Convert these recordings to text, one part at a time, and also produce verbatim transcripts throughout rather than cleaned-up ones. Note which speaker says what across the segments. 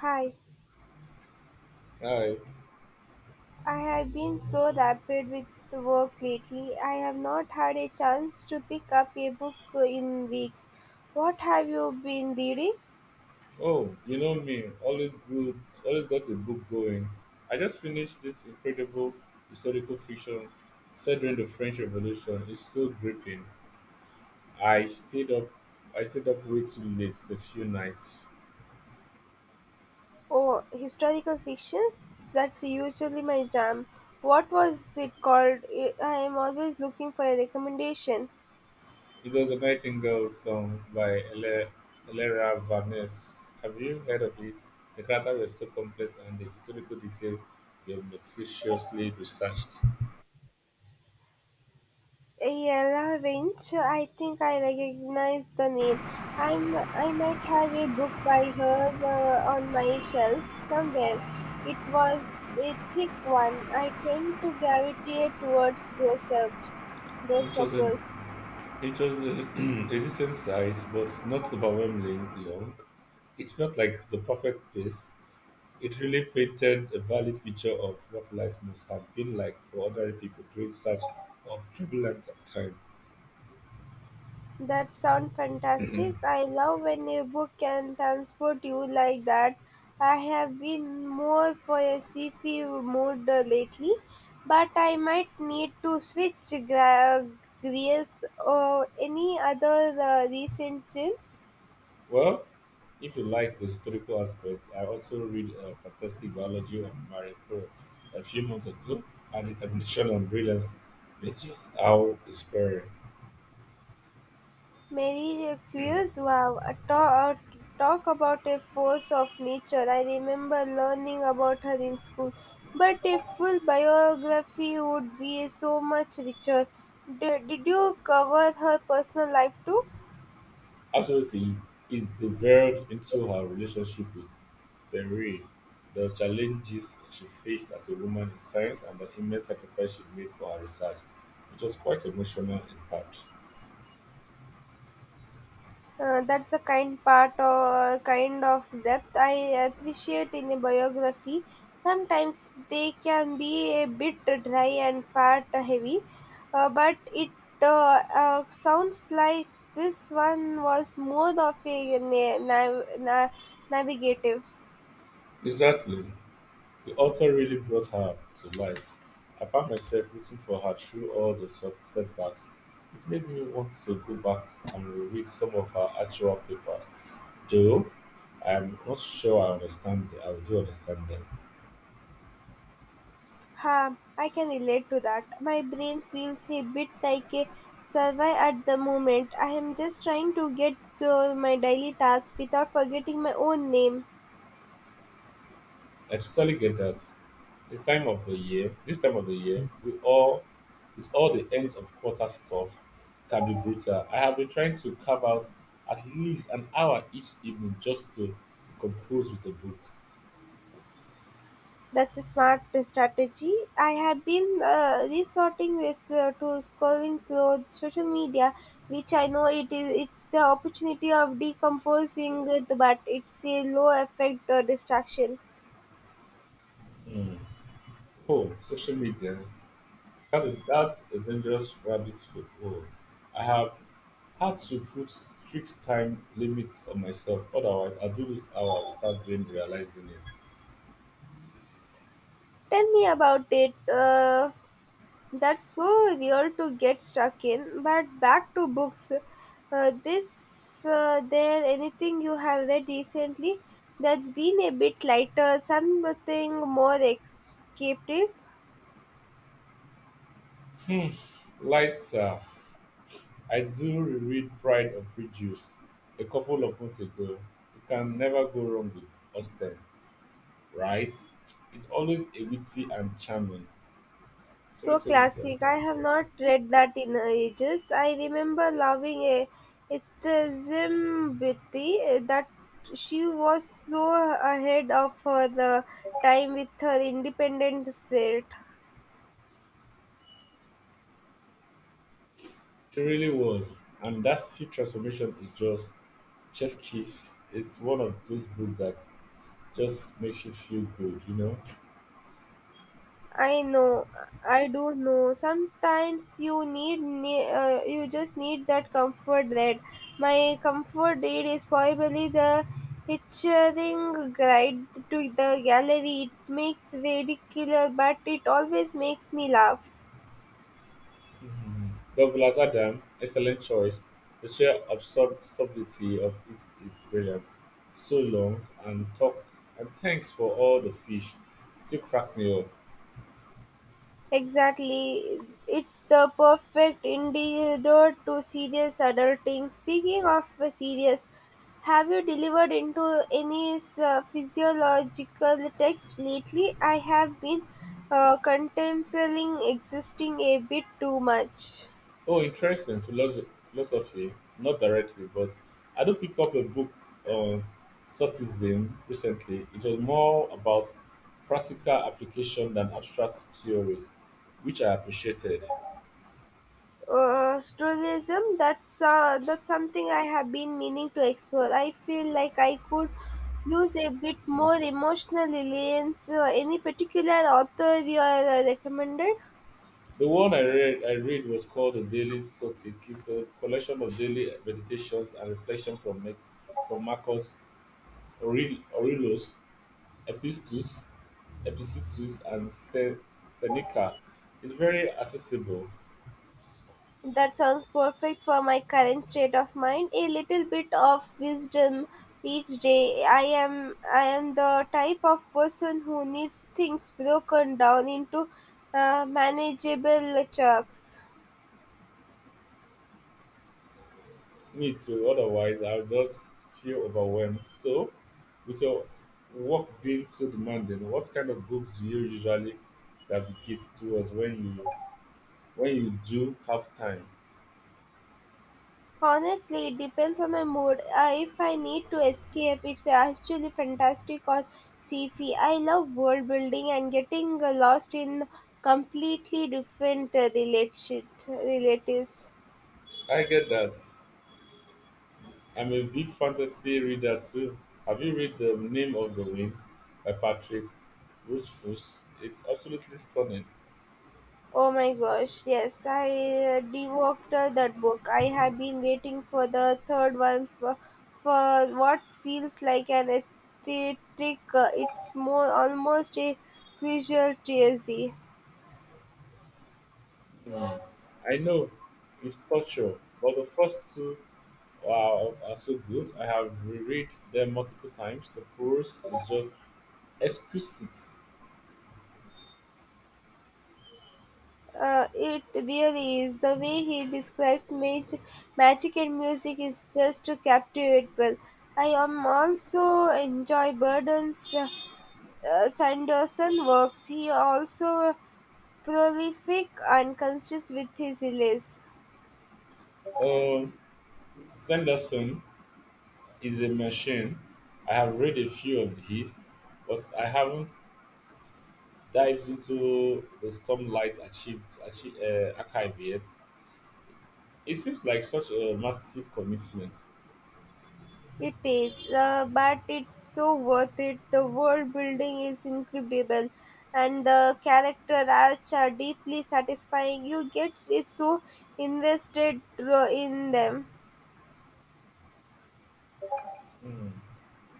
Speaker 1: Hi,
Speaker 2: Hi.
Speaker 1: I have been so rapid with the work lately. I have not had a chance to pick up a book in weeks. What have you been reading?
Speaker 2: Oh, you know me. Always good. Always got a book going. I just finished this incredible historical fiction set during the French Revolution. It's so gripping. I stayed up. I stayed up way too late a few nights.
Speaker 1: Oh, historical fictions? That's usually my jam. What was it called? I I am always looking for a recommendation.
Speaker 2: It was a Nightingale song by Ele- Elera Vaness. Have you heard of it? The characters was so complex and the historical detail were meticulously researched,
Speaker 1: Yella Winch, I think I recognize the name. I'm, I might have a book by her uh, on my shelf somewhere. It was a thick one. I tend to gravitate towards doorstep,
Speaker 2: which was a
Speaker 1: doorstoppers.
Speaker 2: It was a, a decent size, but not overwhelmingly long. It felt like the perfect pace. It really painted a valid picture of what life must have been like for ordinary people during such of turbulent time.
Speaker 1: That sounds fantastic. I love when a book can transport you like that. I have been more for a sci-fi mood uh, lately, but I might need to switch gra- gears or any other uh, recent chills.
Speaker 2: Well, if you like the historical aspect, I also read a fantastic biology of Marie Curie a few months ago. Her determination and brilliance were just how inspiring.
Speaker 1: Mary Curie's wow, a talk, talk about a force of nature. I remember learning about her in school, but a full biography would be so much richer. Did, did you cover her personal life too?
Speaker 2: Absolutely, is is developed into her relationship with Perret, the challenges she faced as a woman in science, and the immense sacrifice she made for her research. It was quite emotional in parts.
Speaker 1: Uh, that's a kind part or kind of depth I appreciate in a biography. Sometimes they can be a bit dry and fat heavy, uh, but it uh, uh, sounds like this one was more of a na- nav- na- navigative.
Speaker 2: Exactly. The author really brought her to life. I found myself rooting for her through all the sub- setbacks. It made me want to go back and reread some of her actual paper, though I'm not sure I understand. I do understand them.
Speaker 1: Ha, I can relate to that. My brain feels a bit like a survive at the moment. I am just trying to get to my daily tasks without forgetting my own name.
Speaker 2: I totally get that. This time of the year, this time of the year, we all with all the ends of quarter stuff can be brutal. I have been trying to carve out at least an hour each evening just to decompose with a book.
Speaker 1: That's a smart strategy. I have been uh, resorting with uh, to scrolling through social media, which I know it is it's the opportunity of decomposing, it, but it's a low effect uh, distraction.
Speaker 2: Hmm. Oh, social media. That's a, that's a dangerous rabbit hole. I have had to put strict time limits on myself, otherwise I do lose hour without even realizing it.
Speaker 1: Tell me about it. Uh, that's so real to get stuck in. But back to books. Uh, this uh, there anything you have read recently that's been a bit lighter, something more escapey?
Speaker 2: Hmm. Lights. I do reread Pride of Prejudice a couple of months ago. You can never go wrong with Austen, right? It's always a witty and charming. It's
Speaker 1: So
Speaker 2: always so witty and
Speaker 1: classic. I
Speaker 2: charming.
Speaker 1: have not read that in ages. I remember loving a Zimbiti that she was so ahead of her uh, time with her independent spirit.
Speaker 2: She really was. And that sea transformation is just chef kiss. It's one of those books that just makes you feel good, you know?
Speaker 1: I know, I do know. Sometimes you need, ne- uh, you just need that comfort. That, my comfort aid is probably the hitching ride to the gallery. It makes ridiculous, but it always makes me laugh.
Speaker 2: Douglas Adam, excellent choice. The sheer absurd subtlety of it is brilliant. So long and talk and thanks for all the fish. Still crack me up.
Speaker 1: Exactly. It's the perfect indicator to serious adulting. Speaking of serious, have you delivered into any uh, physiological text lately? I have been uh, contemplating existing a bit too much.
Speaker 2: Oh, interesting philosophy. philosophy. Not directly, but I do pick up a book on Sortism recently. It was more about practical application than abstract theories, which I appreciated.
Speaker 1: Uh, tourism, that's uh, that's something I have been meaning to explore. I feel like I could use a bit more
Speaker 2: Mm.
Speaker 1: emotional reliance. Uh, any particular author you are uh, recommended?
Speaker 2: The one I read I read was called the Daily Sotik. It's a collection of daily meditations and reflection from Mac- from Marcus Aurel- Aurelius, Epistus, Epictetus, and Se- Seneca. It's very accessible.
Speaker 1: That sounds perfect for my current state of mind. A little bit of wisdom each day. I am i am the type of person who needs things broken down into uh, manageable chunks.
Speaker 2: Me too. Otherwise, I'll just feel overwhelmed. So, with your work being so demanding, what kind of books do you usually navigate towards when you when you do have time?
Speaker 1: Honestly, it depends on my mood. Uh, if I need to escape, it's actually fantastic or sci-fi. I love world building and getting uh, lost in completely different uh, related relatives.
Speaker 2: I get that. I'm a big fantasy reader too. Have you read The Name of the Wind by Patrick Rothfuss? It's absolutely stunning.
Speaker 1: Oh my gosh, yes, I uh, devoured uh, that book. I have been waiting for the third one for, for what feels like an aesthetic. Uh, it's more almost a visual trilogy.
Speaker 2: Hmm. I know it's torture, but the first two are, are so good. I have reread them multiple times. The prose is just exquisite.
Speaker 1: Uh, it really is. The way he describes mag- magic and music is just captivating. I am also enjoy Burden's uh, uh, Sanderson works. He also prolific and conscious with his release.
Speaker 2: Um, Sanderson is a machine. I have read a few of his, but I haven't dives into the stormlight achieved, achieve, uh, archive yet. It seems like such a massive commitment.
Speaker 1: It is, uh, but it's so worth it. The world building is incredible, and the character arcs are deeply satisfying. You get is so invested uh, in them.
Speaker 2: Hmm,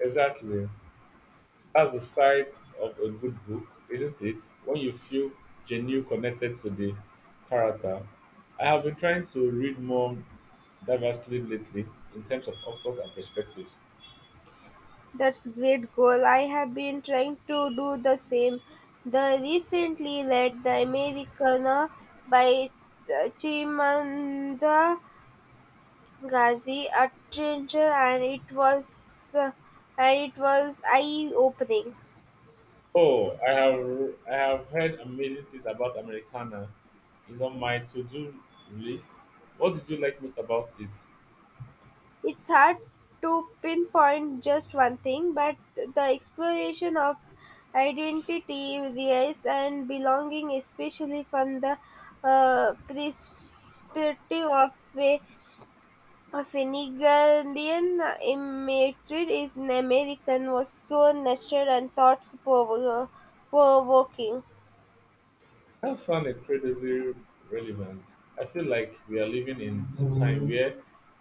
Speaker 2: exactly. That's the sight of a good book, isn't it? When you feel genuinely connected to the character. I have been trying to read more diversely lately in terms of authors and perspectives.
Speaker 1: That's great goal. I have been trying to do the same. The recently read The Americana by Ch- Chimamanda Ghazi Attention, and it was uh, and it was eye opening.
Speaker 2: Oh, I have I have heard amazing things about Americana. It's on my to-do list. What did you like most about it?
Speaker 1: It's hard to pinpoint just one thing, but the exploration of identity, race, and belonging, especially from the uh, perspective of a a Finnegandian imitated is an American was so natural and thought provo- provoking.
Speaker 2: That sounds incredibly relevant. I feel like we are living in a time where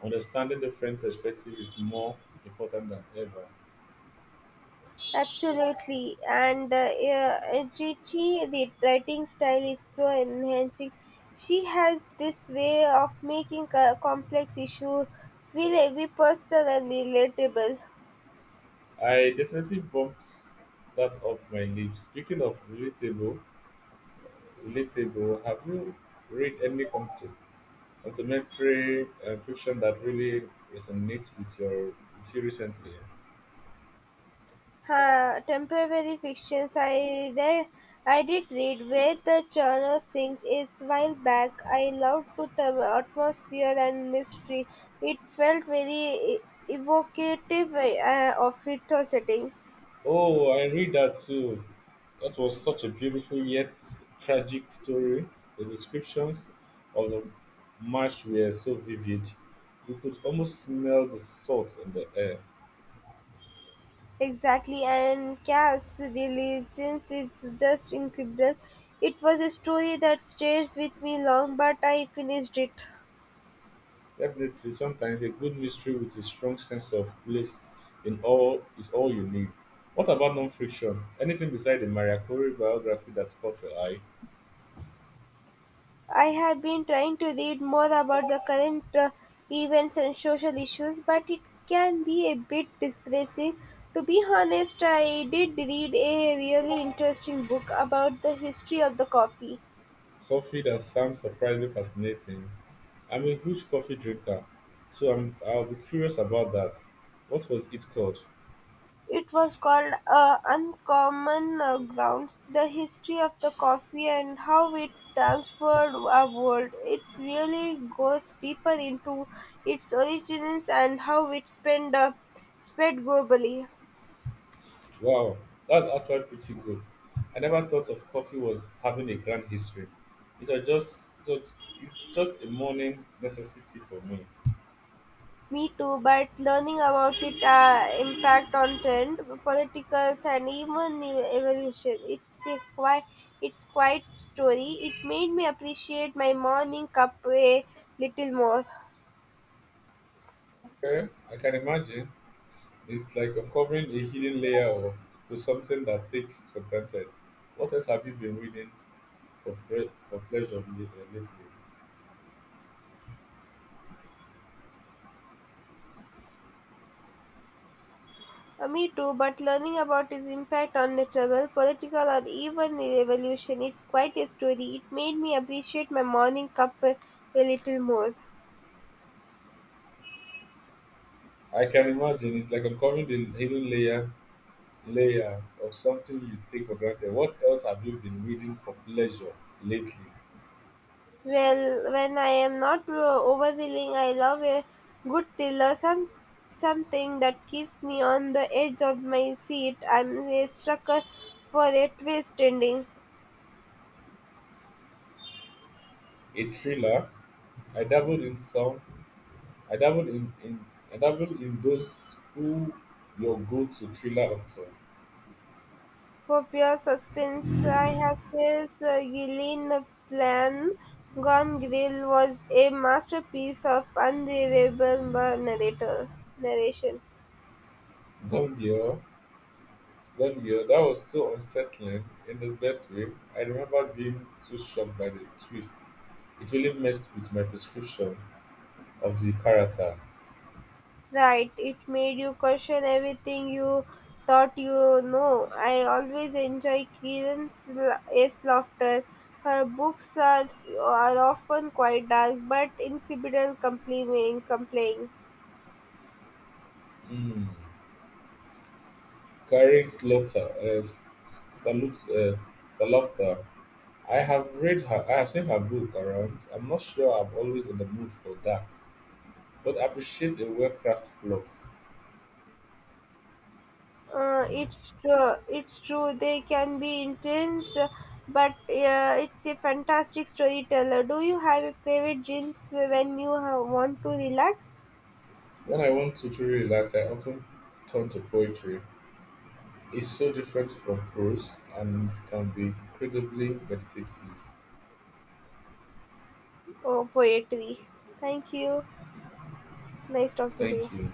Speaker 2: understanding different perspectives is more important than ever.
Speaker 1: Absolutely. And the uh, Ritchie the writing style is so enhancing. She has this way of making a complex issue feel every personal and relatable.
Speaker 2: I definitely bumped that up my lips. Speaking of relatable, relatable, have you read any compt- contemporary uh, fiction that really resonates with your with you recently?
Speaker 1: Huh, temporary fictions I read, I did read where the genre sings is while back. I loved the term- atmosphere and mystery. It felt very e- evocative uh, of its setting.
Speaker 2: Oh, I read that too. That was such a beautiful yet tragic story. The descriptions of the march were so vivid. You could almost smell the salt in the air.
Speaker 1: Exactly, and Cass' religions is just incredible. It was a story that stays with me long, but I finished it.
Speaker 2: Definitely, sometimes a good mystery with a strong sense of place in all is all you need. What about non-fiction? Anything beside the Maria Curie biography that caught your eye?
Speaker 1: I have been trying to read more about the current uh, events and social issues, but it can be a bit depressing. To be honest, I did read a really interesting book about the history of the coffee.
Speaker 2: Coffee that sounds surprisingly fascinating. I'm a huge coffee drinker, so I'm I'll be curious about that. What was it called?
Speaker 1: It was called uh, Uncommon uh, Grounds: The History of the Coffee and How It Transformed Our World. It really goes deeper into its origins and how it spent, uh, spread globally.
Speaker 2: Wow, that's actually pretty good. I never thought of coffee was having a grand history. It was just it was, it's just a morning necessity for me.
Speaker 1: Me too, but learning about it uh, impact on trend, politicals, and even new evolution. It's a quite it's quite story. It made me appreciate my morning cup a little more.
Speaker 2: Okay, I can imagine. It's like uncovering a hidden layer of to something that takes for granted. What else have you been reading for pre- for pleasure li- uh, lately?
Speaker 1: Uh, me too, but learning about its impact on the travel, political, or even the evolution, it's quite a story. It made me appreciate my morning cup a, a little more.
Speaker 2: I can imagine it's like uncovering the hidden layer layer of something you take for granted. What else have you been reading for pleasure lately?
Speaker 1: Well, when I am not uh, overwhelming, I love a good thriller, some something that keeps me on the edge of my seat. I'm a sucker for a twist ending.
Speaker 2: A thriller. I dabbled in some. I dabbled in, in I dabbled in those who your go-to thriller author.
Speaker 1: For pure suspense, I have says uh, Gillian Flan Gone Grill was a masterpiece of unbelievable narrator narration.
Speaker 2: Gone Girl that year, that was so unsettling in the best way. I remember being too shocked by the twist. It really messed with my prescription of the characters.
Speaker 1: Right, it made you question everything you thought you know. I always enjoy Kieran's la- Laughter. Her books are, are often quite dark, but incredible compelling. compelling.
Speaker 2: Mm. Karen Slaughter as Salute as Salafta. I have read her. I have seen her book around. I'm not sure I'm always in the mood for that, but I appreciate a well-crafted plot.
Speaker 1: Uh, it's true. It's true. They can be intense, uh, but uh, it's a fantastic storyteller. Do you have a favorite genes when you have, want to relax?
Speaker 2: When I want to truly relax, I often turn to poetry. It's so different from prose and it can be incredibly meditative.
Speaker 1: Oh, poetry. Thank you. Nice talking to you.
Speaker 2: Thank you.